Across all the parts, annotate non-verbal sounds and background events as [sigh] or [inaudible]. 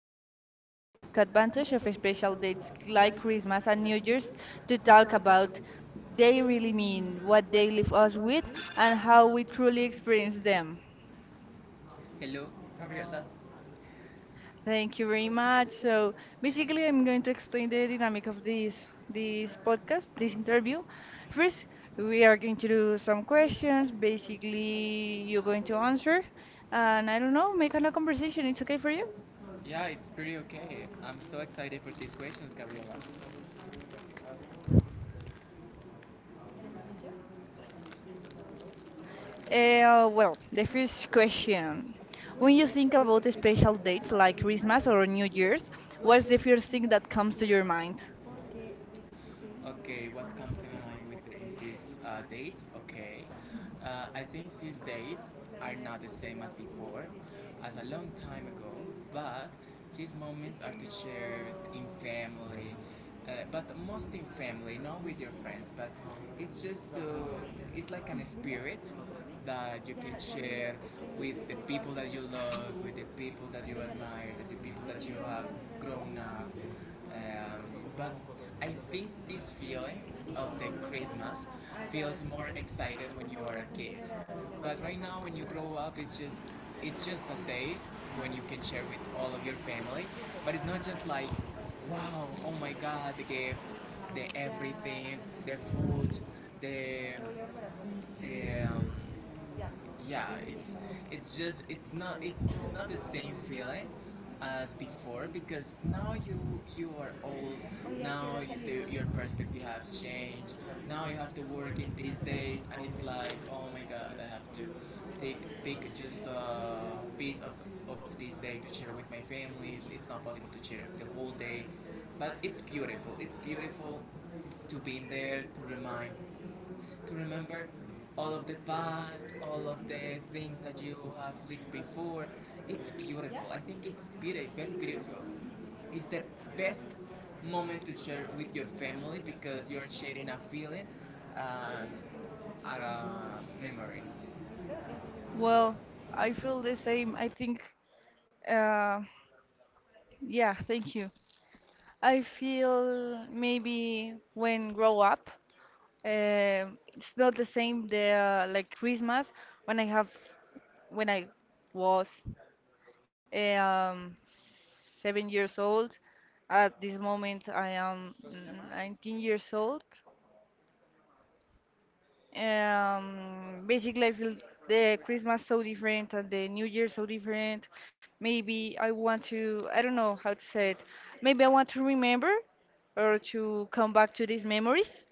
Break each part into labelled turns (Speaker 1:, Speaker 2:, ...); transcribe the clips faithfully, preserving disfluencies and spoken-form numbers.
Speaker 1: they
Speaker 2: Today
Speaker 1: will
Speaker 2: we want to
Speaker 1: take
Speaker 2: take
Speaker 1: advantage of
Speaker 2: advantage
Speaker 1: the
Speaker 2: of
Speaker 1: special
Speaker 2: special
Speaker 1: days,
Speaker 2: dates
Speaker 1: like
Speaker 2: like
Speaker 1: Christmas and
Speaker 2: Christmas and
Speaker 1: New
Speaker 2: New
Speaker 1: Year's,
Speaker 2: Year's
Speaker 1: to
Speaker 2: to
Speaker 1: talk
Speaker 2: talk
Speaker 1: about
Speaker 2: about
Speaker 1: they
Speaker 2: they
Speaker 1: will
Speaker 2: really
Speaker 1: mean,
Speaker 2: mean,
Speaker 1: what
Speaker 2: what
Speaker 1: they
Speaker 2: they
Speaker 1: give
Speaker 2: leave
Speaker 1: us
Speaker 2: us with,
Speaker 1: with, and
Speaker 2: and
Speaker 1: how
Speaker 2: how
Speaker 1: we
Speaker 2: we
Speaker 1: truly
Speaker 2: truly
Speaker 1: experience
Speaker 2: experience
Speaker 1: them.
Speaker 2: them.
Speaker 1: Hello, Gabriela. Thank
Speaker 2: Thank
Speaker 1: you
Speaker 2: you very
Speaker 1: very much.
Speaker 2: much.
Speaker 1: So,
Speaker 2: So
Speaker 1: today
Speaker 2: basically,
Speaker 1: I'm
Speaker 2: I'm
Speaker 1: going
Speaker 2: going to explain the
Speaker 1: explain
Speaker 2: dynamic of
Speaker 1: what's
Speaker 2: this
Speaker 1: in
Speaker 2: this
Speaker 1: this
Speaker 2: podcast,
Speaker 1: podcast and
Speaker 2: this
Speaker 1: interview.
Speaker 2: interview.
Speaker 1: First,
Speaker 2: First, we
Speaker 1: we
Speaker 2: are
Speaker 1: are
Speaker 2: going
Speaker 1: going
Speaker 2: to
Speaker 1: to do
Speaker 2: do
Speaker 1: some
Speaker 2: some
Speaker 1: questions
Speaker 2: questions. Basically, you're
Speaker 1: about
Speaker 2: going
Speaker 1: the
Speaker 2: to answer,
Speaker 1: concert, and
Speaker 2: and
Speaker 1: I
Speaker 2: I don't
Speaker 1: don't know,
Speaker 2: know, make
Speaker 1: maybe
Speaker 2: a
Speaker 1: the
Speaker 2: conversation.
Speaker 1: conversation
Speaker 2: It's
Speaker 1: is
Speaker 2: okay
Speaker 1: okay
Speaker 2: for
Speaker 1: for
Speaker 2: you?
Speaker 1: you. Yeah, it's pretty okay. I'm so excited for these questions, Gabriela. Yes. Ee,
Speaker 2: Uh, well,
Speaker 1: bir
Speaker 2: the first
Speaker 1: question.
Speaker 2: question.
Speaker 1: When
Speaker 2: When
Speaker 1: you
Speaker 2: you
Speaker 1: think
Speaker 2: think
Speaker 1: about
Speaker 2: about
Speaker 1: the
Speaker 2: the
Speaker 1: spectrum
Speaker 2: special
Speaker 1: of
Speaker 2: dates like
Speaker 1: extravagance
Speaker 2: Christmas
Speaker 1: or
Speaker 2: or New
Speaker 1: behavior,
Speaker 2: Year's,
Speaker 1: what's
Speaker 2: what's
Speaker 1: the
Speaker 2: the
Speaker 1: first
Speaker 2: first
Speaker 1: thing
Speaker 2: thing
Speaker 1: that
Speaker 2: that
Speaker 1: comes
Speaker 2: comes
Speaker 1: to
Speaker 2: to
Speaker 1: your
Speaker 2: your mind?
Speaker 1: mind? Okay, what comes to my mind with in these uh, dates? Okay, uh, I think these dates are not the same as before, as a long time ago. But these moments are to share in family, uh, but most in family, not with your friends. But it's just uh, it's like an spirit that you can share with the people that you love, with the people that you admire, that the people that you have grown up. Um, but I think this feeling of the Christmas feels more excited when you are a kid. But right now, when you grow up, it's just it's just a day when you can share with all of your family. But it's not just like wow, oh my god, the gifts, the everything, the food, the um, yeah, it's it's just it's not it's not the same feeling as before because now you you are old. Now you, the, your perspective has changed. Now you have to work in these days, and it's like oh my god, I have to take pick just a piece of, of this day to share with my family. It's not possible to share the whole day, but it's beautiful it's beautiful to be in there, to remind to remember all of the past, all of the things that you have lived before. It's beautiful. I think it's very beautiful. It's the best moment to share with your family because you're sharing a feeling and a memory. Well,
Speaker 2: Well,
Speaker 1: I
Speaker 2: I
Speaker 1: feel
Speaker 2: feel the
Speaker 1: the same.
Speaker 2: same. I think, uh, yeah, thank you. I feel maybe when grow up, uh, it's not the same the uh, like Christmas when I have when I was. Um, seven years old. At this moment, I am mm, nineteen years old. Um, basically, I feel the Christmas so different and the New Year so different. Maybe I want to, I don't know how to say it. Maybe I want to remember or to come back to these memories,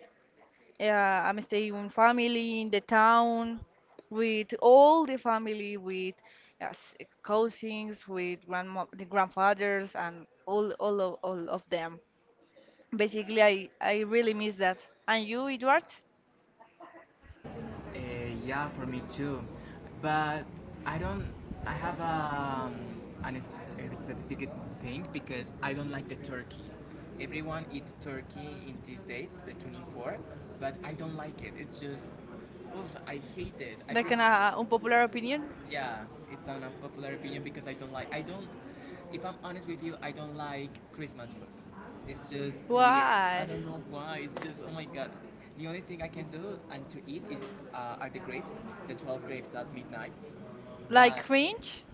Speaker 2: uh, I'm staying with family in the town with all the family, with uh, s- cousins, with grandma, the grandfathers, and all, all, of, all of them. Basically, I, I really miss that. And you, Edward?
Speaker 1: Uh, yeah, for me too. But I don't. I have um, an es- a specific thing because I don't like the turkey. Everyone eats turkey in these dates, the twenty fourth, but I don't like it. It's just, oof, I hate it. I
Speaker 2: Like an
Speaker 1: prefer.
Speaker 2: uh, unpopular opinion?
Speaker 1: Yeah, it's an unpopular opinion because I don't like. I don't. If I'm honest with you, I don't like Christmas food. It's just weird. I
Speaker 2: Why?
Speaker 1: don't know why. It's just oh my god. The only thing I can do and to eat is uh, are the grapes, the twelve grapes at midnight.
Speaker 2: Like
Speaker 1: But
Speaker 2: cringe?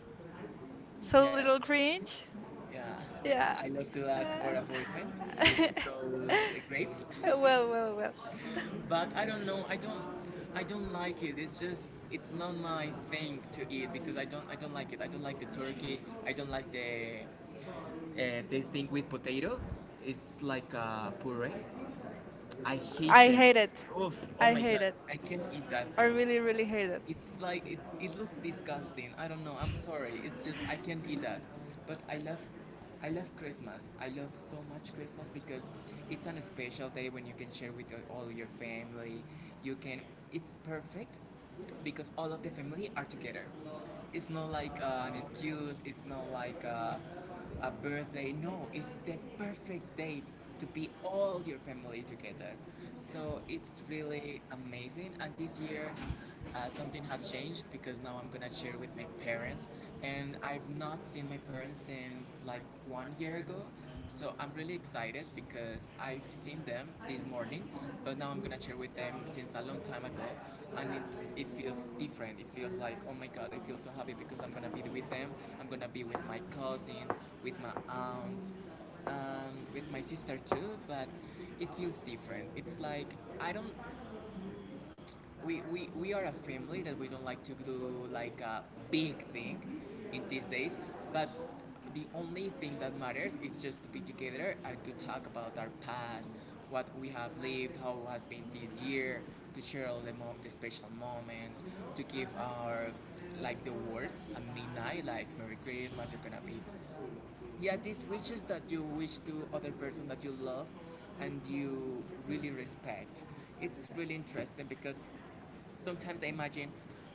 Speaker 2: So
Speaker 1: yeah,
Speaker 2: little cringe?
Speaker 1: yeah.
Speaker 2: Yeah.
Speaker 1: I love to ask for a boyfriend with
Speaker 2: Uh, [laughs]
Speaker 1: those grapes,
Speaker 2: well, well, well.
Speaker 1: [laughs] but I don't know. I don't. I don't like it. It's just it's not my thing to eat because I don't I don't like it. I don't like the turkey. I don't like the uh, this thing with potato. It's like a puree. I hate
Speaker 2: I
Speaker 1: it.
Speaker 2: hate it.
Speaker 1: Oof, oh
Speaker 2: I
Speaker 1: my
Speaker 2: hate
Speaker 1: god,
Speaker 2: it.
Speaker 1: I can't eat that
Speaker 2: I
Speaker 1: thing.
Speaker 2: really, really hate it.
Speaker 1: It's like it. It looks disgusting. I don't know. I'm sorry. It's just I can't eat that. But I love I love Christmas. I love so much Christmas because it's an special day when you can share with all your family. You can it's perfect because all of the family are together. It's not like uh, an excuse. It's not like uh, a birthday. No, it's the perfect date to be all your family together. So it's really amazing. And this year, uh, something has changed because now I'm gonna share with my parents, and I've not seen my parents since like one year ago. So I'm really excited because I've seen them this morning, but now I'm gonna share with them since a long time ago, and it's it feels different. It feels like oh my god, I feel so happy because I'm gonna be with them. I'm gonna be with my cousins, with my aunts, and with my sister too. But it feels different. It's like I don't. We, we, we are a family that we don't like to do like a big thing in these days, but the only thing that matters is just to be together and to talk about our past, what we have lived, how it has been this year, to share all the, mom- the special moments, to give our like the words at midnight, like Merry Christmas, you're gonna be. Yeah, these wishes that you wish to other person that you love and you really respect. It's really interesting because sometimes I imagine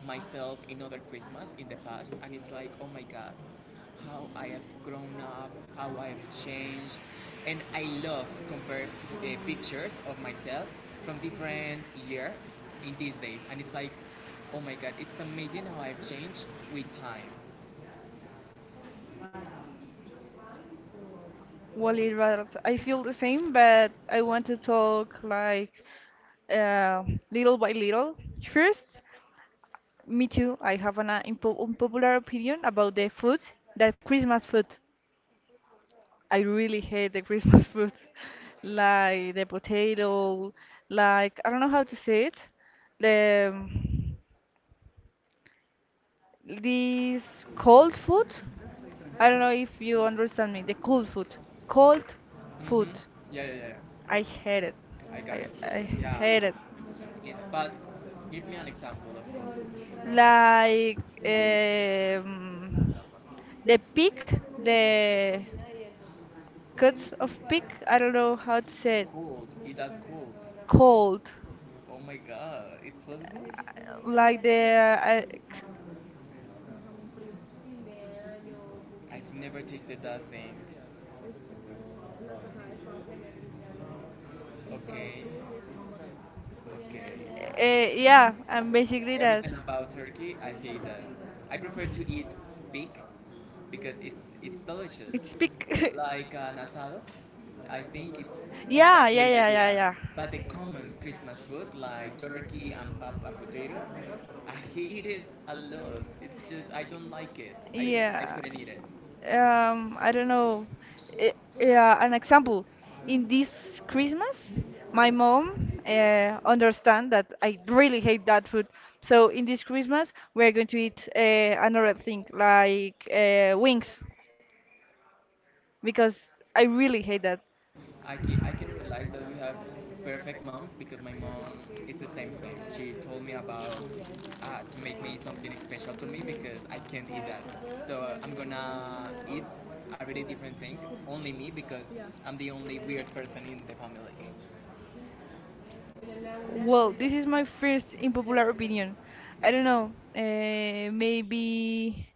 Speaker 1: myself in other Christmas in the past, and it's like, oh my god, how I have grown up, how I have changed, and I love compare uh, pictures of myself from different year in these days, and it's like, oh my god, it's amazing how I've changed with time.
Speaker 2: Well, it was, I feel the same, but I want to talk like uh, little by little. First, me too. I have an uh, unpo- unpopular opinion about the food, the Christmas food. I really hate the Christmas food, [laughs] like the potato, like I don't know how to say it, the um, this
Speaker 1: Cool.
Speaker 2: cold food. I don't know
Speaker 1: I'm
Speaker 2: if you understand me. The cold food,
Speaker 1: cool. Cool.
Speaker 2: cold food.
Speaker 1: Hmm. Yeah, yeah, yeah.
Speaker 2: I hate it.
Speaker 1: I got
Speaker 2: I
Speaker 1: it.
Speaker 2: I
Speaker 1: Yeah,
Speaker 2: hate it.
Speaker 1: yeah. But give me an example of Kung Fu.
Speaker 2: Like um, the pig, the cuts of pig. I don't know how to say it.
Speaker 1: Cooled. Eat that cooled.
Speaker 2: Cold,
Speaker 1: Oh my god. It's possible?
Speaker 2: like the uh,
Speaker 1: I've never tasted that thing. Okay. Okay.
Speaker 2: uh, yeah, and basically that.
Speaker 1: Everything about Turkey, I hate that. I prefer to eat pig because it's it's delicious
Speaker 2: It's big. [laughs]
Speaker 1: like an asado. I think it's it's a
Speaker 2: Yeah, yeah,
Speaker 1: great
Speaker 2: yeah, yeah,
Speaker 1: idea.
Speaker 2: yeah.
Speaker 1: But the common Christmas food like turkey and pap and potato, I hate it a lot. It's just I don't like it. I I
Speaker 2: Yeah.
Speaker 1: couldn't eat it.
Speaker 2: Um, I don't know. I- yeah, an example. In this Christmas, my mom uh, understand that I really hate that food. So in this Christmas, we're going to eat uh, another thing like uh, wings because I really hate that.
Speaker 1: I can, I can realize that we have perfect moms because my mom is the same thing. She told me about uh, to make me something special to me because I can't eat that. So uh, I'm gonna eat a really different thing, only me because I'm the only weird person in the family.
Speaker 2: Well,
Speaker 1: I
Speaker 2: this is my first unpopular opinion. I
Speaker 1: don't
Speaker 2: don't
Speaker 1: know.
Speaker 2: know. Uh, maybe.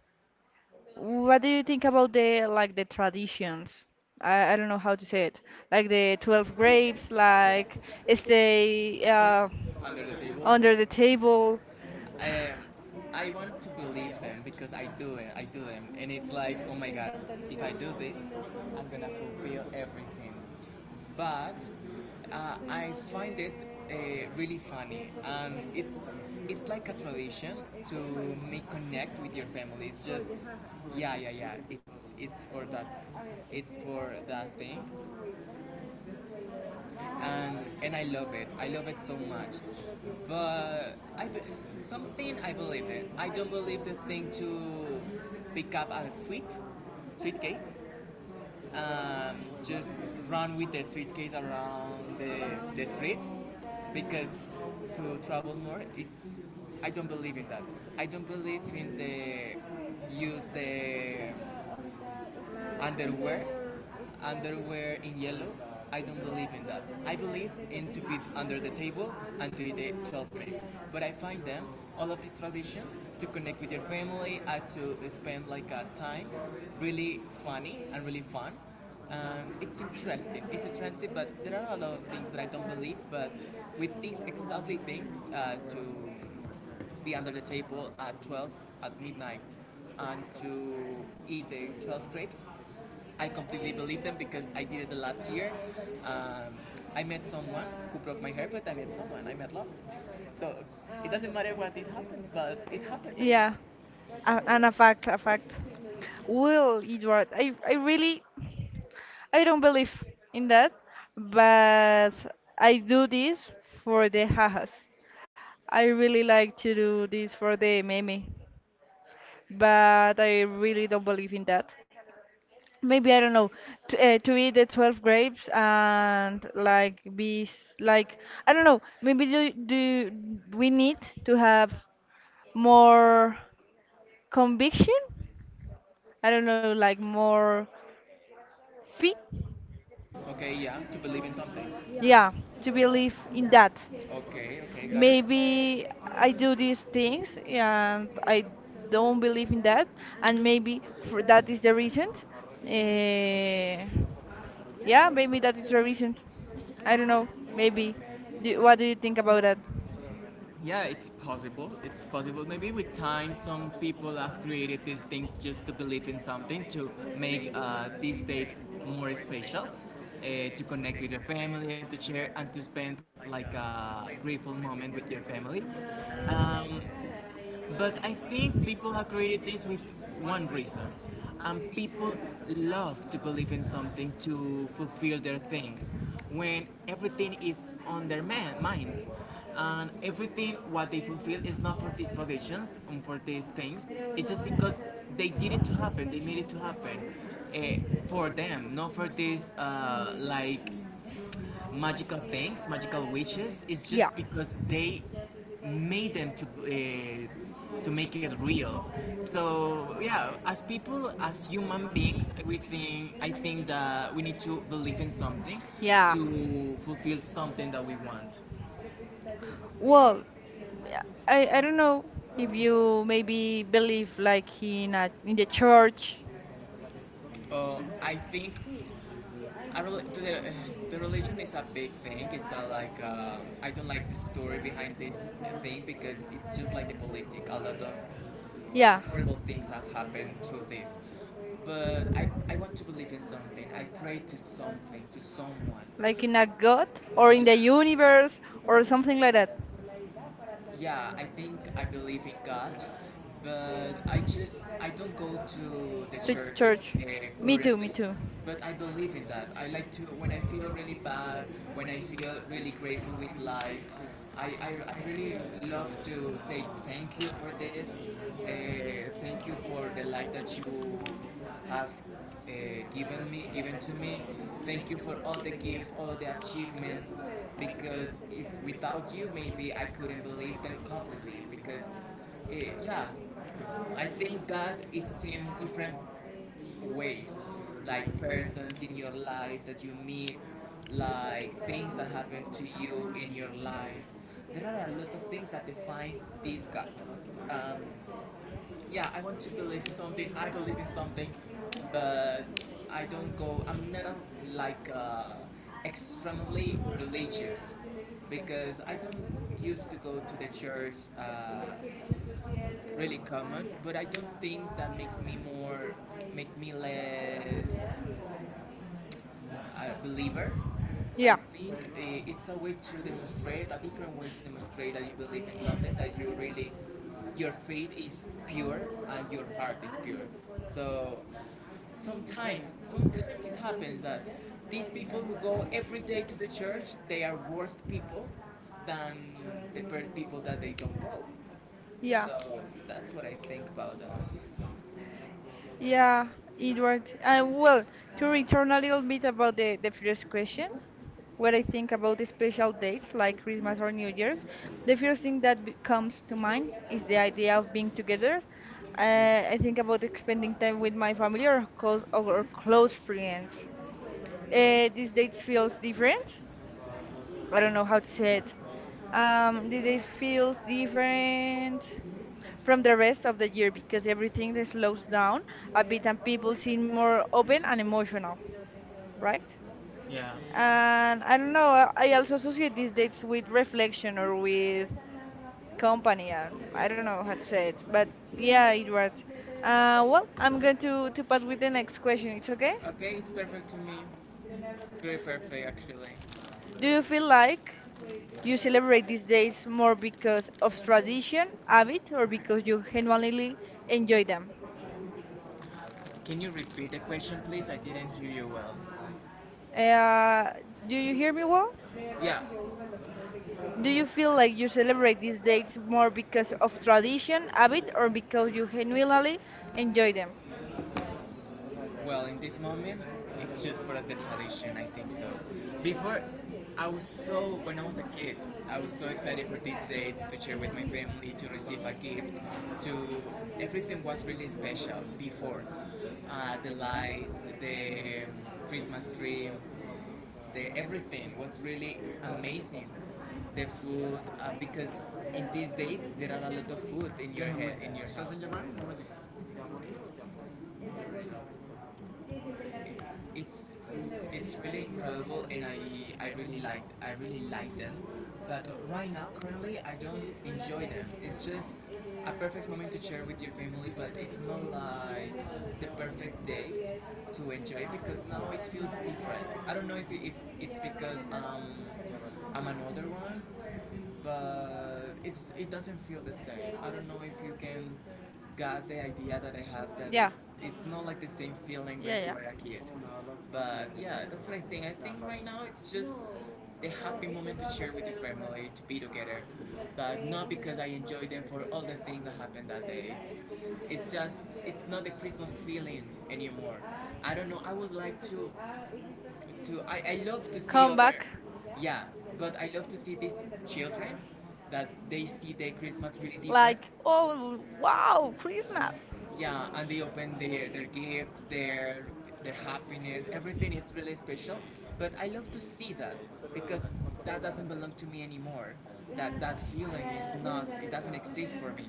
Speaker 2: What do you think about the like the traditions? I, I don't know how to say it. Like the twelve grapes, like stay uh,
Speaker 1: Under the table,
Speaker 2: under the table.
Speaker 1: I Um, I want to believe them because I do it. I do them, and it's like, oh my god, if I do this, I'm gonna fulfill everything. But uh, I find it uh, really funny, and it's it's like a tradition to make connect with your family. It's just, yeah, yeah, yeah. It's it's for that, it's for that thing, and and I love it. I love it so much. But I something I believe it. I don't believe the thing to pick up a sweet suitcase. Um, just run with the suitcase around the, the street because to travel more it's I don't believe in that. I don't believe in the use the underwear underwear in yellow. I don't believe in that. I believe in to be under the table and to eat the twelve grapes, but I find them all of these traditions to connect with your family and to spend like a time really funny and really fun. Um, it's interesting. It's interesting but there are a lot of things that I don't believe, but with these exactly things uh, to be under the table at twelve at midnight and to eat the twelve grapes. I completely believe them because I did it the last year. Um, I met someone who broke my hair, but I met someone. I met love. So it doesn't matter what it happens, but it happened.
Speaker 2: Yeah, a- and a fact, a fact. Well, Edward, I, I really, I don't believe in that, but I do this for the hahas. I really like to do this for the meme, but I really don't believe in that. Maybe I don't know to, uh, to eat the twelve grapes and like be s- like I don't know. Maybe do do we need to have more conviction? I don't know, like more fit,
Speaker 1: Okay, yeah, to believe in something. Yeah,
Speaker 2: yeah,
Speaker 1: to be
Speaker 2: to
Speaker 1: able
Speaker 2: believe in
Speaker 1: that.
Speaker 2: that.
Speaker 1: Okay, okay, got it.
Speaker 2: Maybe I do
Speaker 1: uh,
Speaker 2: these things and I don't believe in that,
Speaker 1: and
Speaker 2: and
Speaker 1: maybe
Speaker 2: maybe for that
Speaker 1: that
Speaker 2: is the
Speaker 1: is.
Speaker 2: reason. Eh
Speaker 1: Yeah,
Speaker 2: yeah,
Speaker 1: maybe
Speaker 2: maybe that is
Speaker 1: that's
Speaker 2: the
Speaker 1: your.
Speaker 2: reason. I don't know, maybe do, what do you think about that?
Speaker 1: Yeah, it's possible. It's possible. Maybe with time, some people have created these things just to believe in something, to make uh, this date more special, uh, to connect with your family, and to share and to spend like a grateful moment with your family. Um, but I think people have created this with one reason. And people love to believe in something to fulfill their things when everything is on their man- minds. And everything what they fulfill is not for these traditions and for these things. It's just because they did it to happen. They made it to happen uh, for them, not for this uh, like magical things, magical witches, it's just because they made them to uh, to make it real. So yeah, as people, as human beings, we think I think that we need to believe in something
Speaker 2: Yeah.
Speaker 1: to fulfill something that we want.
Speaker 2: Well, yeah, I, I don't know if you maybe believe like in a, in
Speaker 1: The
Speaker 2: the
Speaker 1: church.
Speaker 2: church.
Speaker 1: uh, I think I really, the, the religion is a big thing. It's a, like, uh, I don't like the story behind this thing because it's just like the politic. A lot of
Speaker 2: Yeah.
Speaker 1: horrible things have happened through this. But I, I want to believe in something. I pray to something, to someone.
Speaker 2: Like in a god or in
Speaker 1: Yeah,
Speaker 2: the universe or something like that.
Speaker 1: like Yeah, I think I believe in God, but I just I don't go to the
Speaker 2: To
Speaker 1: church
Speaker 2: church.
Speaker 1: uh,
Speaker 2: Me too, me
Speaker 1: currently.
Speaker 2: too.
Speaker 1: But I believe in that. I like to when I feel really bad, when I feel really grateful with life. I, I, I really love to say thank you for this. Uh, thank you for the life that you have uh, given me given to me thank you for all the gifts all of the achievements because if without you maybe I couldn't believe them completely because eh, yeah I think God it's in different ways, like persons in your life that you meet, like things that happen to you in your life. There are a lot of things that define this God. um, yeah, I want to believe in something. I believe in something, but I don't go. I'm not a, like uh, extremely religious because I don't used to go to the church uh, really common. But I don't think that makes me more makes me less a believer. I
Speaker 2: Yeah.
Speaker 1: think uh, it's a way to demonstrate a different way to demonstrate that you believe in something, that you really your faith is pure and your heart is pure. So sometimes, sometimes it happens that these people who go every day to the church, they are worse people than the people that they don't go.
Speaker 2: Yeah.
Speaker 1: So that's what I think about
Speaker 2: Yeah, Edward. And well, to return a little bit about the, the first question, what I think about the special dates like Christmas or New Year's, the first thing that be- comes to mind
Speaker 1: that.
Speaker 2: is the idea of being together. Uh, I think about spending time
Speaker 1: Los
Speaker 2: with my family or close, or close friends.
Speaker 1: poemas de
Speaker 2: Uh, these dates feels
Speaker 1: Shakespeare
Speaker 2: different, I don't know how to say it. Um, the day feels different
Speaker 1: from
Speaker 2: from
Speaker 1: the
Speaker 2: the
Speaker 1: rest
Speaker 2: rest of
Speaker 1: of the
Speaker 2: the year because everything that slows down a bit and people seem more open and emotional, right?
Speaker 1: Yeah.
Speaker 2: And I don't know, I I also associate these dates with reflection or with company. Uh, I don't know how to say it, but yeah, it was. Uh, well, I'm going to to pass with the next question. It's okay?
Speaker 1: Okay, it's perfect to me. It's pretty perfect actually.
Speaker 2: Do you feel like you celebrate these days more because of tradition, habit, or because you genuinely enjoy them?
Speaker 1: Can you repeat the question, please? I didn't hear you well.
Speaker 2: Uh, do you hear me well?
Speaker 1: Yeah.
Speaker 2: Do you feel like you celebrate these days more because of tradition, habit, or because you genuinely enjoy them?
Speaker 1: Well, in this moment, it's just for the tradition, I think so. Before, I was so, when I was a kid, I was so excited for these dates to share with my family, to receive a gift, to, everything was really special before. Uh, the lights, the um, Christmas tree, the everything was really amazing. The food, uh, because in these days there are a lot of food in your head, in your house. it's it's really incredible, and I I really like I really like them. But right now, currently, I don't enjoy them. It's just a perfect moment to share with your family, but it's not like the perfect date to enjoy because now it feels different. I don't know if, if it's because um, I'm an older one, but it's it doesn't feel the same. I don't know if you can get the idea that I have, that
Speaker 2: Yeah.
Speaker 1: it's it's not like the same feeling when
Speaker 2: Yeah,
Speaker 1: you
Speaker 2: yeah.
Speaker 1: were a kid. But yeah, that's what I think. I think right now it's just the happy moment to share with your family, to be together. But not because I enjoy them for all the things that happened that day. It's, it's just, it's not the Christmas feeling anymore. I don't know. I would like to, to I, I love to see
Speaker 2: Come
Speaker 1: other
Speaker 2: back.
Speaker 1: yeah but I love to see these children, that they see the Christmas really different.
Speaker 2: Like, oh, wow, Christmas.
Speaker 1: Yeah, and they open their their gifts, their their happiness, everything is really special. But I love to see that because that doesn't belong to me anymore. That that feeling is not it doesn't exist for me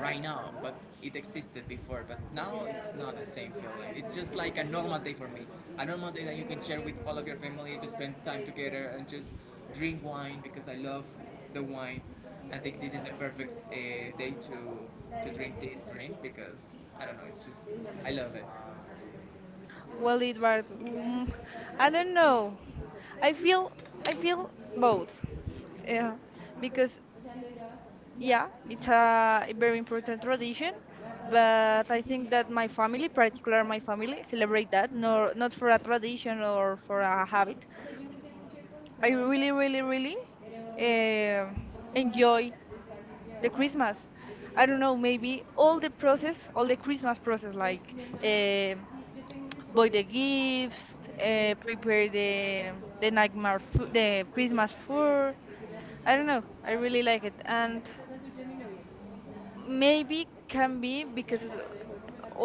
Speaker 1: right now, but it existed before. But now it's not the same feeling. It's just like a normal day for me. A normal day that you can share with all of your family to spend time together and just drink wine because I love the wine. I think this is a perfect uh, day to to drink this drink because I don't know, it's just I love it.
Speaker 2: Well, it was. Mm, I don't know. I feel. I feel both. Yeah, because Yeah, it's a very important tradition, but I think that my family, particular my family, celebrate that, nor not for a tradition or for a habit. I really, really, really um
Speaker 1: Enjoy
Speaker 2: enjoy the
Speaker 1: the Christmas.
Speaker 2: Christmas.
Speaker 1: I
Speaker 2: I don't know, maybe
Speaker 1: all
Speaker 2: all the
Speaker 1: the process,
Speaker 2: process,
Speaker 1: all
Speaker 2: all
Speaker 1: the
Speaker 2: the
Speaker 1: Christmas
Speaker 2: Christmas process,
Speaker 1: process eh,
Speaker 2: like uh, buy the gifts, uh,
Speaker 1: eh,
Speaker 2: prepare the the nightmare, fo- the
Speaker 1: I don't
Speaker 2: Christmas food. I don't know. I
Speaker 1: I really
Speaker 2: really
Speaker 1: like
Speaker 2: like it. And maybe can be because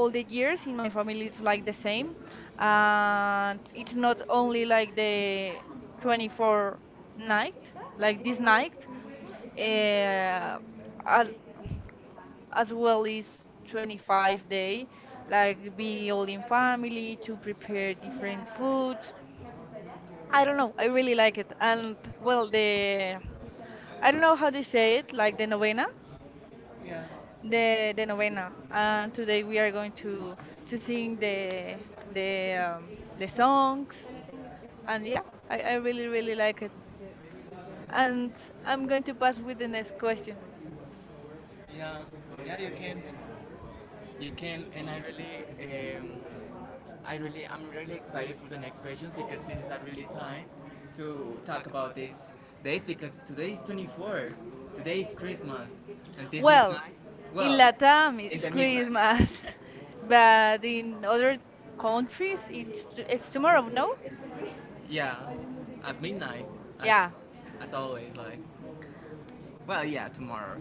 Speaker 1: all
Speaker 2: the
Speaker 1: the years,
Speaker 2: years in my family it's
Speaker 1: it's like
Speaker 2: like the
Speaker 1: the same.
Speaker 2: same,
Speaker 1: Um,
Speaker 2: and
Speaker 1: it's
Speaker 2: it's
Speaker 1: not
Speaker 2: not
Speaker 1: only
Speaker 2: only
Speaker 1: like
Speaker 2: like the
Speaker 1: it's twenty-fourth
Speaker 2: twenty-four
Speaker 1: night,
Speaker 2: night,
Speaker 1: like
Speaker 2: like this
Speaker 1: at night.
Speaker 2: night, uh,
Speaker 1: Uh, as
Speaker 2: al-
Speaker 1: well as
Speaker 2: as well as twenty-five
Speaker 1: twenty-fifth day,
Speaker 2: day,
Speaker 1: like
Speaker 2: like
Speaker 1: they
Speaker 2: be all
Speaker 1: go
Speaker 2: in
Speaker 1: to parties,
Speaker 2: family
Speaker 1: eat
Speaker 2: to prepare
Speaker 1: I don't
Speaker 2: different foods.
Speaker 1: know, I
Speaker 2: I don't know, I really
Speaker 1: like,
Speaker 2: like it.
Speaker 1: and
Speaker 2: And
Speaker 1: well,
Speaker 2: well,
Speaker 1: the,
Speaker 2: the
Speaker 1: I
Speaker 2: I
Speaker 1: don't
Speaker 2: don't
Speaker 1: know
Speaker 2: know how
Speaker 1: what
Speaker 2: to
Speaker 1: to
Speaker 2: say
Speaker 1: say,
Speaker 2: it, like
Speaker 1: like
Speaker 2: the novena,
Speaker 1: the, Yeah. the,
Speaker 2: the the novena, and
Speaker 1: and they
Speaker 2: today we are
Speaker 1: were
Speaker 2: going to
Speaker 1: to
Speaker 2: to
Speaker 1: sing
Speaker 2: sing
Speaker 1: the,
Speaker 2: the the
Speaker 1: the,
Speaker 2: um, the
Speaker 1: the song,
Speaker 2: songs,
Speaker 1: and I,
Speaker 2: and yeah, I,
Speaker 1: I
Speaker 2: I really really
Speaker 1: really like
Speaker 2: like it.
Speaker 1: And,
Speaker 2: And
Speaker 1: and
Speaker 2: I'm going to pass with the
Speaker 1: the, next
Speaker 2: next
Speaker 1: question.
Speaker 2: question.
Speaker 1: Yeah, yeah, you can, you can, and I, really, um, I really, I'm really excited for the next questions because this is a really time to talk about this date because today is the twenty-fourth, today is Christmas, and this Well, midnight, in well, Latin
Speaker 2: Latam
Speaker 1: in the it's midnight,
Speaker 2: Christmas, [laughs]
Speaker 1: midnight,
Speaker 2: [laughs]
Speaker 1: but
Speaker 2: but
Speaker 1: in
Speaker 2: in
Speaker 1: other
Speaker 2: other
Speaker 1: countries
Speaker 2: countries it's
Speaker 1: it's,
Speaker 2: t- it's
Speaker 1: it's more of
Speaker 2: tomorrow,
Speaker 1: midnight.
Speaker 2: no?
Speaker 1: Yeah, at midnight, Yeah. as as always, like, well, yeah, tomorrow,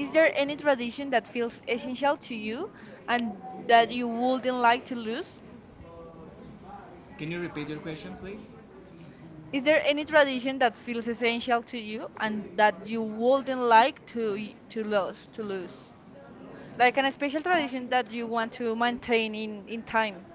Speaker 1: is there
Speaker 2: there
Speaker 1: any
Speaker 2: any
Speaker 1: tradition
Speaker 2: tradition
Speaker 1: that
Speaker 2: that
Speaker 1: feels
Speaker 2: feels
Speaker 1: essential
Speaker 2: essential
Speaker 1: to
Speaker 2: to
Speaker 1: you
Speaker 2: you
Speaker 1: and
Speaker 2: and
Speaker 1: that
Speaker 2: that
Speaker 1: you
Speaker 2: you wouldn't
Speaker 1: would like
Speaker 2: like to
Speaker 1: to lose?
Speaker 2: lose?
Speaker 1: Can you repeat your question, please? Is
Speaker 2: Is
Speaker 1: there
Speaker 2: there
Speaker 1: any
Speaker 2: any
Speaker 1: tradition
Speaker 2: tradition
Speaker 1: that
Speaker 2: that feels
Speaker 1: is essential
Speaker 2: essential
Speaker 1: to
Speaker 2: to
Speaker 1: you
Speaker 2: you and
Speaker 1: and that
Speaker 2: that you
Speaker 1: you
Speaker 2: wouldn't
Speaker 1: would like
Speaker 2: like to y- to
Speaker 1: to learn?
Speaker 2: lose to lose? Like
Speaker 1: Like
Speaker 2: an
Speaker 1: an
Speaker 2: special tradition that you want to maintain in in time?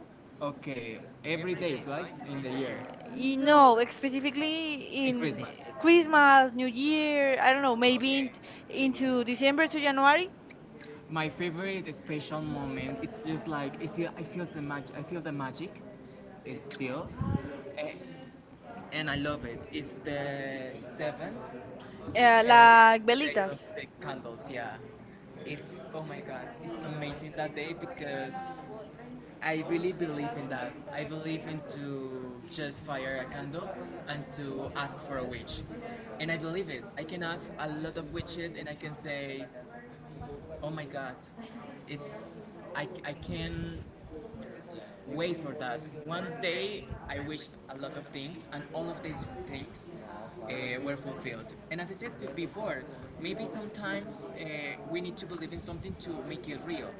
Speaker 1: Okay, every day, right? In the year.
Speaker 2: You,
Speaker 1: No,
Speaker 2: like, specifically
Speaker 1: in
Speaker 2: In in Christmas?
Speaker 1: Christmas. Christmas.
Speaker 2: New Year, I don't know, maybe in,
Speaker 1: Okay.
Speaker 2: okay,
Speaker 1: Into
Speaker 2: into December to January,
Speaker 1: Christmas, my favorite special moment. It's just like I feel. I feel the magic. I feel the magic. Is still, eh, and I love it. It's the seventh,
Speaker 2: okay, uh, yeah,
Speaker 1: eh,
Speaker 2: like
Speaker 1: the day
Speaker 2: velitas.
Speaker 1: of the candles. Yeah, it's oh my god, it's amazing that day because I really believe in that. I believe in to just fire a candle and to ask for a witch, and I believe it. I can ask a lot of witches, and I can say, oh my god, it's I, I can wait for that. One day I wished a lot of things, and all of these things uh, were fulfilled. And as I said to before, maybe sometimes uh, we need to believe in something to make it real.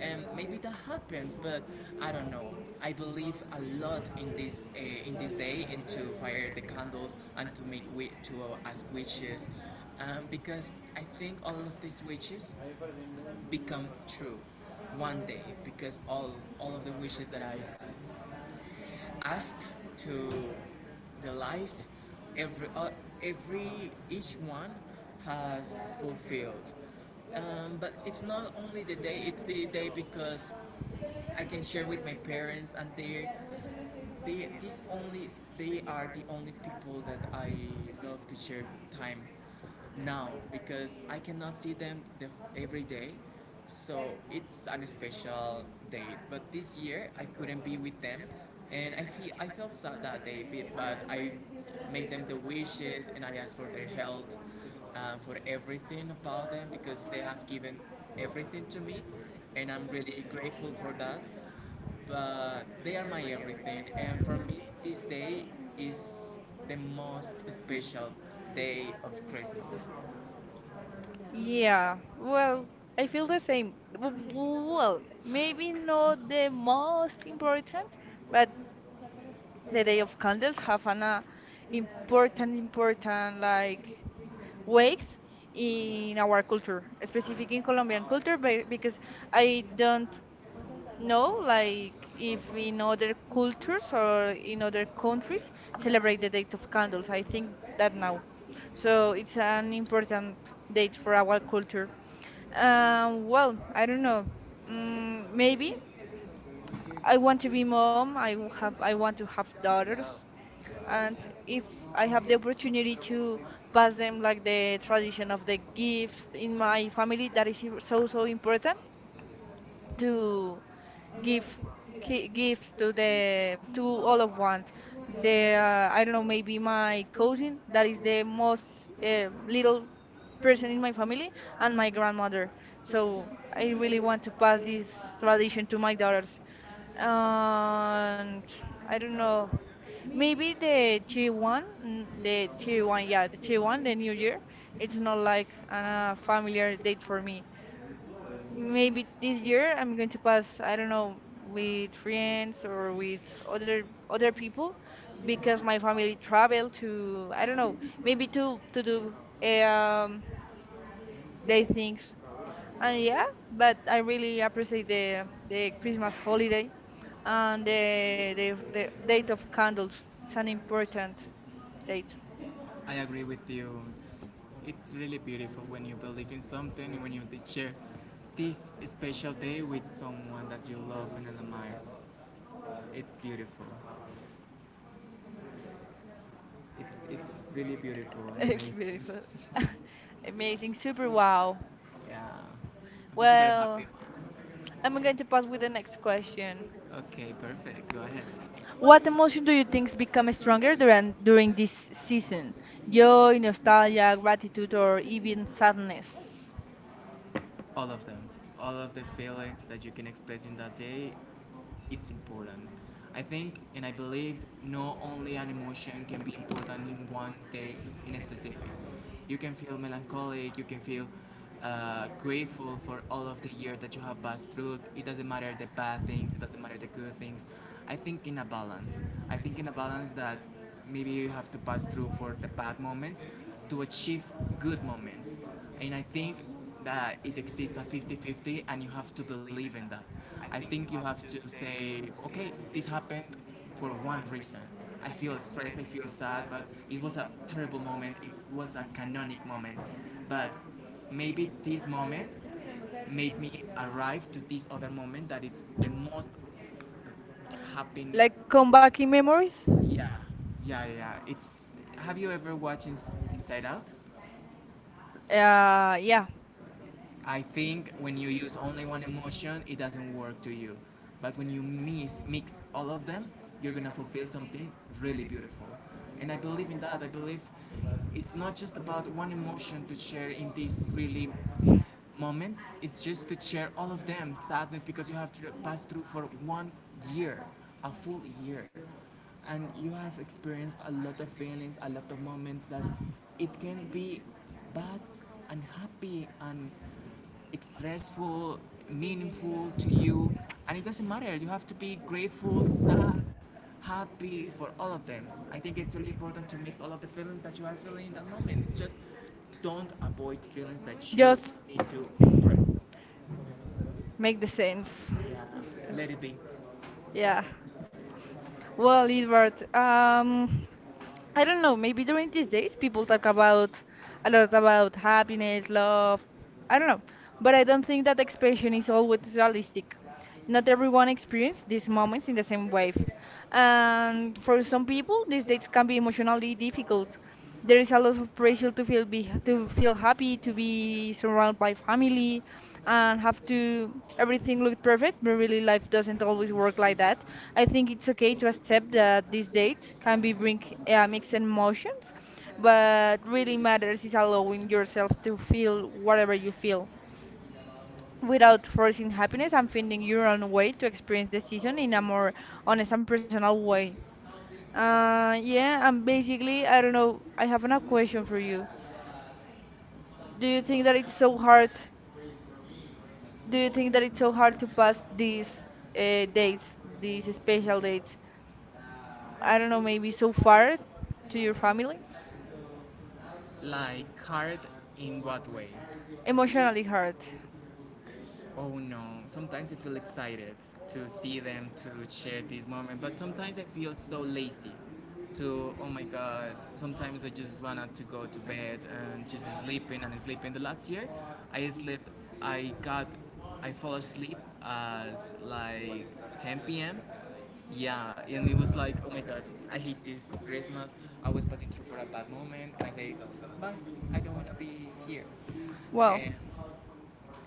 Speaker 1: And maybe that happens, but I don't know. I believe a lot in this uh, in this day, and to fire the candles and to make wi- to uh, ask wishes, um, because I think all of these wishes become true one day because all all of the wishes that I've asked to the life every uh, every each one has fulfilled. um, but it's not only the day it's the day because I can share with my parents and they they this only they are the only people that I love to share time now because I cannot see them the, every day. So it's an special date. But this year I couldn't be with them and I feel I felt sad that day but I make them the wishes and I ask for their health, uh, for everything about them because they have given everything to me and I'm really grateful for that. But they are my everything. And for me, this day is the most special day of Christmas. Yeah.
Speaker 2: Yeah, well, I feel the
Speaker 1: So,
Speaker 2: same. W- Well, maybe not the most important, but the Day of Candles have an uh, important, important like weight in our culture, specific in Colombian culture, be- because I don't, no, like if in other cultures or in other countries celebrate the date of candles. I think that now. So it's an important
Speaker 1: they
Speaker 2: date for our culture.
Speaker 1: um,
Speaker 2: Um, well,
Speaker 1: I
Speaker 2: I don't
Speaker 1: don't know.
Speaker 2: know. Mm, maybe
Speaker 1: I
Speaker 2: I want
Speaker 1: want
Speaker 2: to
Speaker 1: to
Speaker 2: be
Speaker 1: be tall.
Speaker 2: mom. I w- have I
Speaker 1: I want
Speaker 2: want
Speaker 1: to
Speaker 2: to
Speaker 1: be
Speaker 2: have
Speaker 1: dark.
Speaker 2: daughters,
Speaker 1: And
Speaker 2: and if
Speaker 1: I
Speaker 2: I have
Speaker 1: have
Speaker 2: the
Speaker 1: the
Speaker 2: opportunity to
Speaker 1: opportunity as
Speaker 2: pass
Speaker 1: an
Speaker 2: them like the tradition of the
Speaker 1: uh,
Speaker 2: gifts in
Speaker 1: for- my
Speaker 2: my
Speaker 1: family
Speaker 2: family,
Speaker 1: that
Speaker 2: that
Speaker 1: is
Speaker 2: is so
Speaker 1: also
Speaker 2: so
Speaker 1: my brother
Speaker 2: important
Speaker 1: do
Speaker 2: to
Speaker 1: give,
Speaker 2: give ki-
Speaker 1: give
Speaker 2: gifts
Speaker 1: to
Speaker 2: to
Speaker 1: the
Speaker 2: the to all
Speaker 1: all of
Speaker 2: of
Speaker 1: us
Speaker 2: one,
Speaker 1: their
Speaker 2: the uh, I
Speaker 1: like
Speaker 2: don't know, maybe my
Speaker 1: the
Speaker 2: cousin,
Speaker 1: most
Speaker 2: that is the most
Speaker 1: uh,
Speaker 2: uh,
Speaker 1: low
Speaker 2: little person in
Speaker 1: person
Speaker 2: my
Speaker 1: for me
Speaker 2: family, and
Speaker 1: and my
Speaker 2: my
Speaker 1: grandmother.
Speaker 2: grandmother.
Speaker 1: So this
Speaker 2: So
Speaker 1: is
Speaker 2: I
Speaker 1: really
Speaker 2: really want
Speaker 1: what
Speaker 2: to
Speaker 1: what
Speaker 2: pass
Speaker 1: is
Speaker 2: this
Speaker 1: what is
Speaker 2: tradition to my daughters.
Speaker 1: um,
Speaker 2: And
Speaker 1: I
Speaker 2: I don't
Speaker 1: don't
Speaker 2: know,
Speaker 1: know. Maybe
Speaker 2: maybe
Speaker 1: the
Speaker 2: the
Speaker 1: two
Speaker 2: tier
Speaker 1: one,
Speaker 2: one,
Speaker 1: and
Speaker 2: mm,
Speaker 1: the
Speaker 2: the tier one,
Speaker 1: two
Speaker 2: yeah, the tier one,
Speaker 1: yeah,
Speaker 2: the new year.
Speaker 1: it's
Speaker 2: It's
Speaker 1: not
Speaker 2: not
Speaker 1: like
Speaker 2: like a
Speaker 1: uh, popular
Speaker 2: familiar date for me.
Speaker 1: maybe
Speaker 2: Maybe this
Speaker 1: here,
Speaker 2: year I'm going to
Speaker 1: but
Speaker 2: pass, I
Speaker 1: you
Speaker 2: don't
Speaker 1: know,
Speaker 2: know, with
Speaker 1: we need
Speaker 2: friends or with other other
Speaker 1: other
Speaker 2: people, because my family travel to, I don't know,
Speaker 1: maybe
Speaker 2: maybe to to
Speaker 1: to you
Speaker 2: do
Speaker 1: know, they
Speaker 2: um
Speaker 1: they
Speaker 2: day
Speaker 1: think
Speaker 2: things.
Speaker 1: uh, that they definitely they they they uh,
Speaker 2: And
Speaker 1: they they
Speaker 2: yeah,
Speaker 1: they
Speaker 2: but
Speaker 1: they
Speaker 2: I really appreciate the the Christmas holiday and the the, the date of candles. It's an important
Speaker 1: they
Speaker 2: date. [laughs]
Speaker 1: I agree with you. It's, it's really beautiful when you believe in something, and when you share this special day with someone that you love and admire. It's beautiful. It's, it's really beautiful and
Speaker 2: It's
Speaker 1: amazing.
Speaker 2: beautiful. [laughs]
Speaker 1: Amazing!
Speaker 2: Amazing, super
Speaker 1: Wow.
Speaker 2: wow.
Speaker 1: Yeah. I'm just super Well, happy.
Speaker 2: Well,
Speaker 1: I'm going
Speaker 2: I'm
Speaker 1: to
Speaker 2: going to
Speaker 1: go
Speaker 2: pass
Speaker 1: to
Speaker 2: with the
Speaker 1: the next
Speaker 2: next
Speaker 1: question.
Speaker 2: question.
Speaker 1: Okay, perfect. Go ahead. What
Speaker 2: What emotion do you
Speaker 1: motivation
Speaker 2: think
Speaker 1: comes
Speaker 2: become
Speaker 1: from
Speaker 2: stronger
Speaker 1: Adrian?
Speaker 2: during during this season?
Speaker 1: Yo
Speaker 2: Joy,
Speaker 1: estaba en el
Speaker 2: nostalgia, gratitude, or
Speaker 1: cuarto, sentí
Speaker 2: even
Speaker 1: que
Speaker 2: sadness?
Speaker 1: all of them all of the feelings that you can express in that day it's important. I think and I believe not only an emotion can be important in one day in a specific. You can feel melancholic, you can feel uh, grateful for all of the year that you have passed through. It doesn't matter the bad things, it doesn't matter the good things. I think in a balance, I think in a balance that maybe you have to pass through for the bad moments to achieve good moments. And I think that it exists at fifty fifty and you have to believe in that. I think you have to say okay this happened for one reason. I feel stressed, I feel sad, but it was a terrible moment, it was a canonic moment, but maybe this moment made me arrive to this other moment that it's the most happy.
Speaker 2: Like come back in memories?
Speaker 1: Yeah yeah yeah yeah. It's have you ever watched Inside Out? Yeah.
Speaker 2: Uh, yeah.
Speaker 1: I think when you use only one emotion, it doesn't work to you. But when you mix, mix all of them, you're gonna fulfill something really beautiful. And I believe in that. I believe it's not just about one emotion to share in these really moments. It's just to share all of them. Sadness because you have to pass through for one year, a full year, and you have experienced a lot of feelings, a lot of moments that it can be bad and happy and stressful, meaningful to you, and it doesn't matter. You have to be grateful, sad, happy for all of them. I think it's really important to mix all of the feelings that you are feeling in that moment. It's just don't avoid feelings that you yes,
Speaker 2: Just
Speaker 1: need to express.
Speaker 2: make the sense.
Speaker 1: Yeah, let
Speaker 2: Yes.
Speaker 1: it be.
Speaker 2: Yeah.
Speaker 1: Well,
Speaker 2: Well,
Speaker 1: um,
Speaker 2: Edward, um,
Speaker 1: I
Speaker 2: I
Speaker 1: don't
Speaker 2: don't
Speaker 1: know.
Speaker 2: know, maybe during
Speaker 1: We
Speaker 2: these
Speaker 1: didn't
Speaker 2: days
Speaker 1: speak to
Speaker 2: people
Speaker 1: that
Speaker 2: talk
Speaker 1: about it.
Speaker 2: about a
Speaker 1: I don't
Speaker 2: lot
Speaker 1: know.
Speaker 2: about happiness, love, I
Speaker 1: I don't
Speaker 2: don't
Speaker 1: know.
Speaker 2: know.
Speaker 1: But
Speaker 2: But
Speaker 1: I
Speaker 2: I don't
Speaker 1: don't
Speaker 2: think that expression is always realistic.
Speaker 1: Not
Speaker 2: Not
Speaker 1: te lo
Speaker 2: everyone experiences these moments in the same way.
Speaker 1: Um,
Speaker 2: And
Speaker 1: for
Speaker 2: for
Speaker 1: some
Speaker 2: some
Speaker 1: people,
Speaker 2: people, these
Speaker 1: things
Speaker 2: dates can
Speaker 1: can
Speaker 2: be
Speaker 1: be
Speaker 2: emotionally difficult. There
Speaker 1: there is
Speaker 2: is a
Speaker 1: a
Speaker 2: lot of pressure
Speaker 1: pressure
Speaker 2: to
Speaker 1: to
Speaker 2: feel
Speaker 1: beauty,
Speaker 2: be
Speaker 1: you know,
Speaker 2: to
Speaker 1: for
Speaker 2: feel
Speaker 1: something
Speaker 2: happy,
Speaker 1: to
Speaker 2: to
Speaker 1: be
Speaker 2: be surrounded
Speaker 1: right.
Speaker 2: by
Speaker 1: I mean,
Speaker 2: family,
Speaker 1: uh,
Speaker 2: and have
Speaker 1: if
Speaker 2: to
Speaker 1: everything
Speaker 2: everything
Speaker 1: was
Speaker 2: look perfect.
Speaker 1: perfect,
Speaker 2: But
Speaker 1: we would
Speaker 2: really,
Speaker 1: have had
Speaker 2: life doesn't always work
Speaker 1: the-
Speaker 2: like
Speaker 1: like
Speaker 2: that.
Speaker 1: I
Speaker 2: I think
Speaker 1: think it's
Speaker 2: it's
Speaker 1: okay
Speaker 2: okay to
Speaker 1: to accept
Speaker 2: accept
Speaker 1: the
Speaker 2: that these
Speaker 1: updates
Speaker 2: dates
Speaker 1: and
Speaker 2: can
Speaker 1: be
Speaker 2: be
Speaker 1: grateful
Speaker 2: bring
Speaker 1: for our
Speaker 2: uh,
Speaker 1: mixed
Speaker 2: mixed
Speaker 1: But
Speaker 2: emotions,
Speaker 1: what
Speaker 2: but really
Speaker 1: really matters
Speaker 2: matters
Speaker 1: is
Speaker 2: is
Speaker 1: how long you
Speaker 2: allowing
Speaker 1: do
Speaker 2: yourself
Speaker 1: yourself to
Speaker 2: to
Speaker 1: feel
Speaker 2: feel
Speaker 1: whatever
Speaker 2: whatever you
Speaker 1: you feel
Speaker 2: feel
Speaker 1: without
Speaker 2: without
Speaker 1: forcing
Speaker 2: forcing happiness
Speaker 1: feminism
Speaker 2: and
Speaker 1: for
Speaker 2: finding
Speaker 1: me
Speaker 2: your own way to
Speaker 1: created great
Speaker 2: experience the season in a
Speaker 1: masculinity
Speaker 2: more
Speaker 1: on a
Speaker 2: honest and
Speaker 1: competitive
Speaker 2: personal way.
Speaker 1: basis.
Speaker 2: Uh,
Speaker 1: Um, I
Speaker 2: yeah, and
Speaker 1: don't know,
Speaker 2: basically, I
Speaker 1: have
Speaker 2: don't know, I have a
Speaker 1: enough
Speaker 2: question for you.
Speaker 1: places.
Speaker 2: Do
Speaker 1: Do you
Speaker 2: you think
Speaker 1: think
Speaker 2: that
Speaker 1: that
Speaker 2: it's
Speaker 1: it's so
Speaker 2: so
Speaker 1: hard?
Speaker 2: hard?
Speaker 1: Do
Speaker 2: Do
Speaker 1: you
Speaker 2: you think
Speaker 1: think
Speaker 2: that
Speaker 1: that
Speaker 2: it's
Speaker 1: it's so
Speaker 2: so
Speaker 1: hard
Speaker 2: hard
Speaker 1: to
Speaker 2: to
Speaker 1: grasp
Speaker 2: pass
Speaker 1: these
Speaker 2: these
Speaker 1: uh,
Speaker 2: uh,
Speaker 1: goals,
Speaker 2: dates, these
Speaker 1: these
Speaker 2: special
Speaker 1: spiritual goals?
Speaker 2: dates?
Speaker 1: I don't
Speaker 2: I
Speaker 1: know,
Speaker 2: don't know,
Speaker 1: maybe
Speaker 2: maybe
Speaker 1: too
Speaker 2: so
Speaker 1: far
Speaker 2: far
Speaker 1: to
Speaker 2: to
Speaker 1: your
Speaker 2: your family?
Speaker 1: Like hard in what way? Emotionally.
Speaker 2: Emotionally hard.
Speaker 1: Oh no, sometimes I feel excited to see them, to share this moment, but sometimes I feel so lazy to, oh my god, sometimes I just wanted to go to bed and just sleeping and sleeping. The last year, I slept, I got, I fall asleep as like ten p m. Yeah, and it was like, oh my god, I hate this Christmas. I was passing through for a bad moment, and I say, bye, I don't want to be here.
Speaker 2: Well,
Speaker 1: And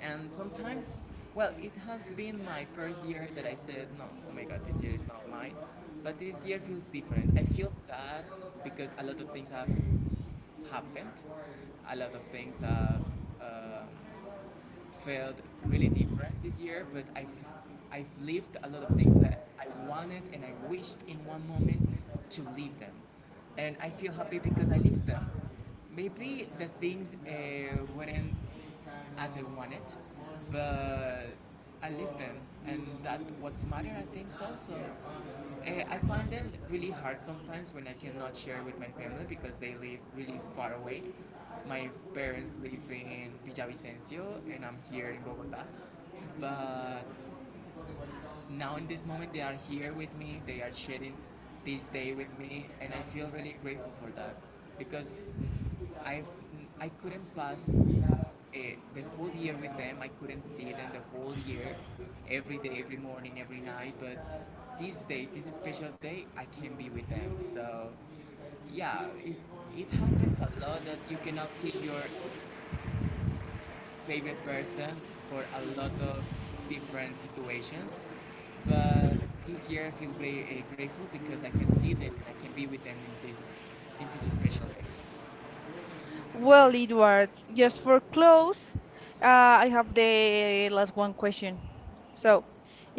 Speaker 1: and sometimes, well, it has been my first year that I said, no, oh my god, this year is not mine. But this year feels different. I feel sad because a lot of things have happened. A lot of things have um felt really different this year, but I've, I've lived a lot of things that I wanted and I wished in one moment to live them. And I feel happy because I lived them maybe the things uh, weren't as I want it, but I live them, and that what's matter. I think so. So uh, I find them really hard sometimes when I cannot share with my family because they live really far away. My parents live in Villavicencio, and I'm here in Bogota. But now in this moment, they are here with me. They are sharing this day with me, and I feel really grateful for that because I've I couldn't pass eh, the whole year with them. I couldn't see them the whole year, every day, every morning, every night. But this day, this special day, I can be with them. So yeah, it, it happens a lot that you cannot see your favorite person for a lot of different situations. But this year I feel great eh, grateful because I can see them and I can be with them in this in this special day.
Speaker 2: well, Edward, just for close,
Speaker 1: Uh,
Speaker 2: uh, I have the last one question.
Speaker 1: So,
Speaker 2: So,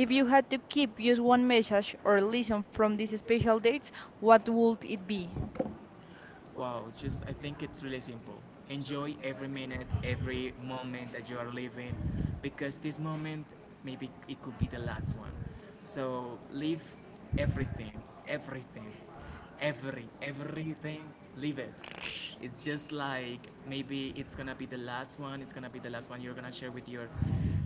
Speaker 1: if you
Speaker 2: you had to keep
Speaker 1: you
Speaker 2: just
Speaker 1: want
Speaker 2: one
Speaker 1: to start
Speaker 2: message or lesson
Speaker 1: for
Speaker 2: from
Speaker 1: this
Speaker 2: these special
Speaker 1: topic,
Speaker 2: dates,
Speaker 1: what do
Speaker 2: what
Speaker 1: you
Speaker 2: would it be?
Speaker 1: think? Wow, just I think it's really simple. Enjoy every minute, every moment that you are living, because this moment maybe it could be the last one. So live everything, everything, every everything. Live it. It's just like maybe it's gonna be the last one. It's gonna be the last one you're gonna share with your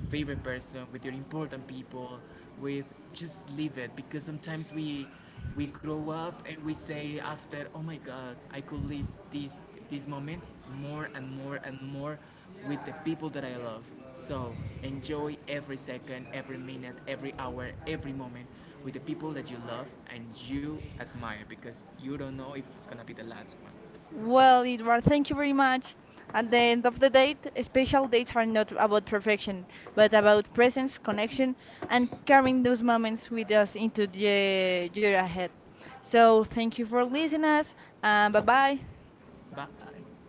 Speaker 1: favorite person, with your important people, with just leave it because sometimes we we grow up and we say after, oh my God, I could live these these moments more and more and more with the people that I love. So enjoy every second, every minute, every hour, every moment with the people that you love and you admire because you don't know if it's gonna be the last one. Well,
Speaker 2: Well, Edward, thank you very much.
Speaker 1: and
Speaker 2: At the
Speaker 1: then
Speaker 2: end of the date, special dates are not about perfection, but
Speaker 1: whether
Speaker 2: about
Speaker 1: this is
Speaker 2: presence,
Speaker 1: connection
Speaker 2: connection,
Speaker 1: and
Speaker 2: and carrying
Speaker 1: going
Speaker 2: those
Speaker 1: from
Speaker 2: moments with
Speaker 1: experience
Speaker 2: us into
Speaker 1: into D N A of
Speaker 2: the year
Speaker 1: human.
Speaker 2: ahead.
Speaker 1: So
Speaker 2: So, thank you for
Speaker 1: these
Speaker 2: listening
Speaker 1: plants
Speaker 2: us, and
Speaker 1: um,
Speaker 2: bye bye.
Speaker 1: But I-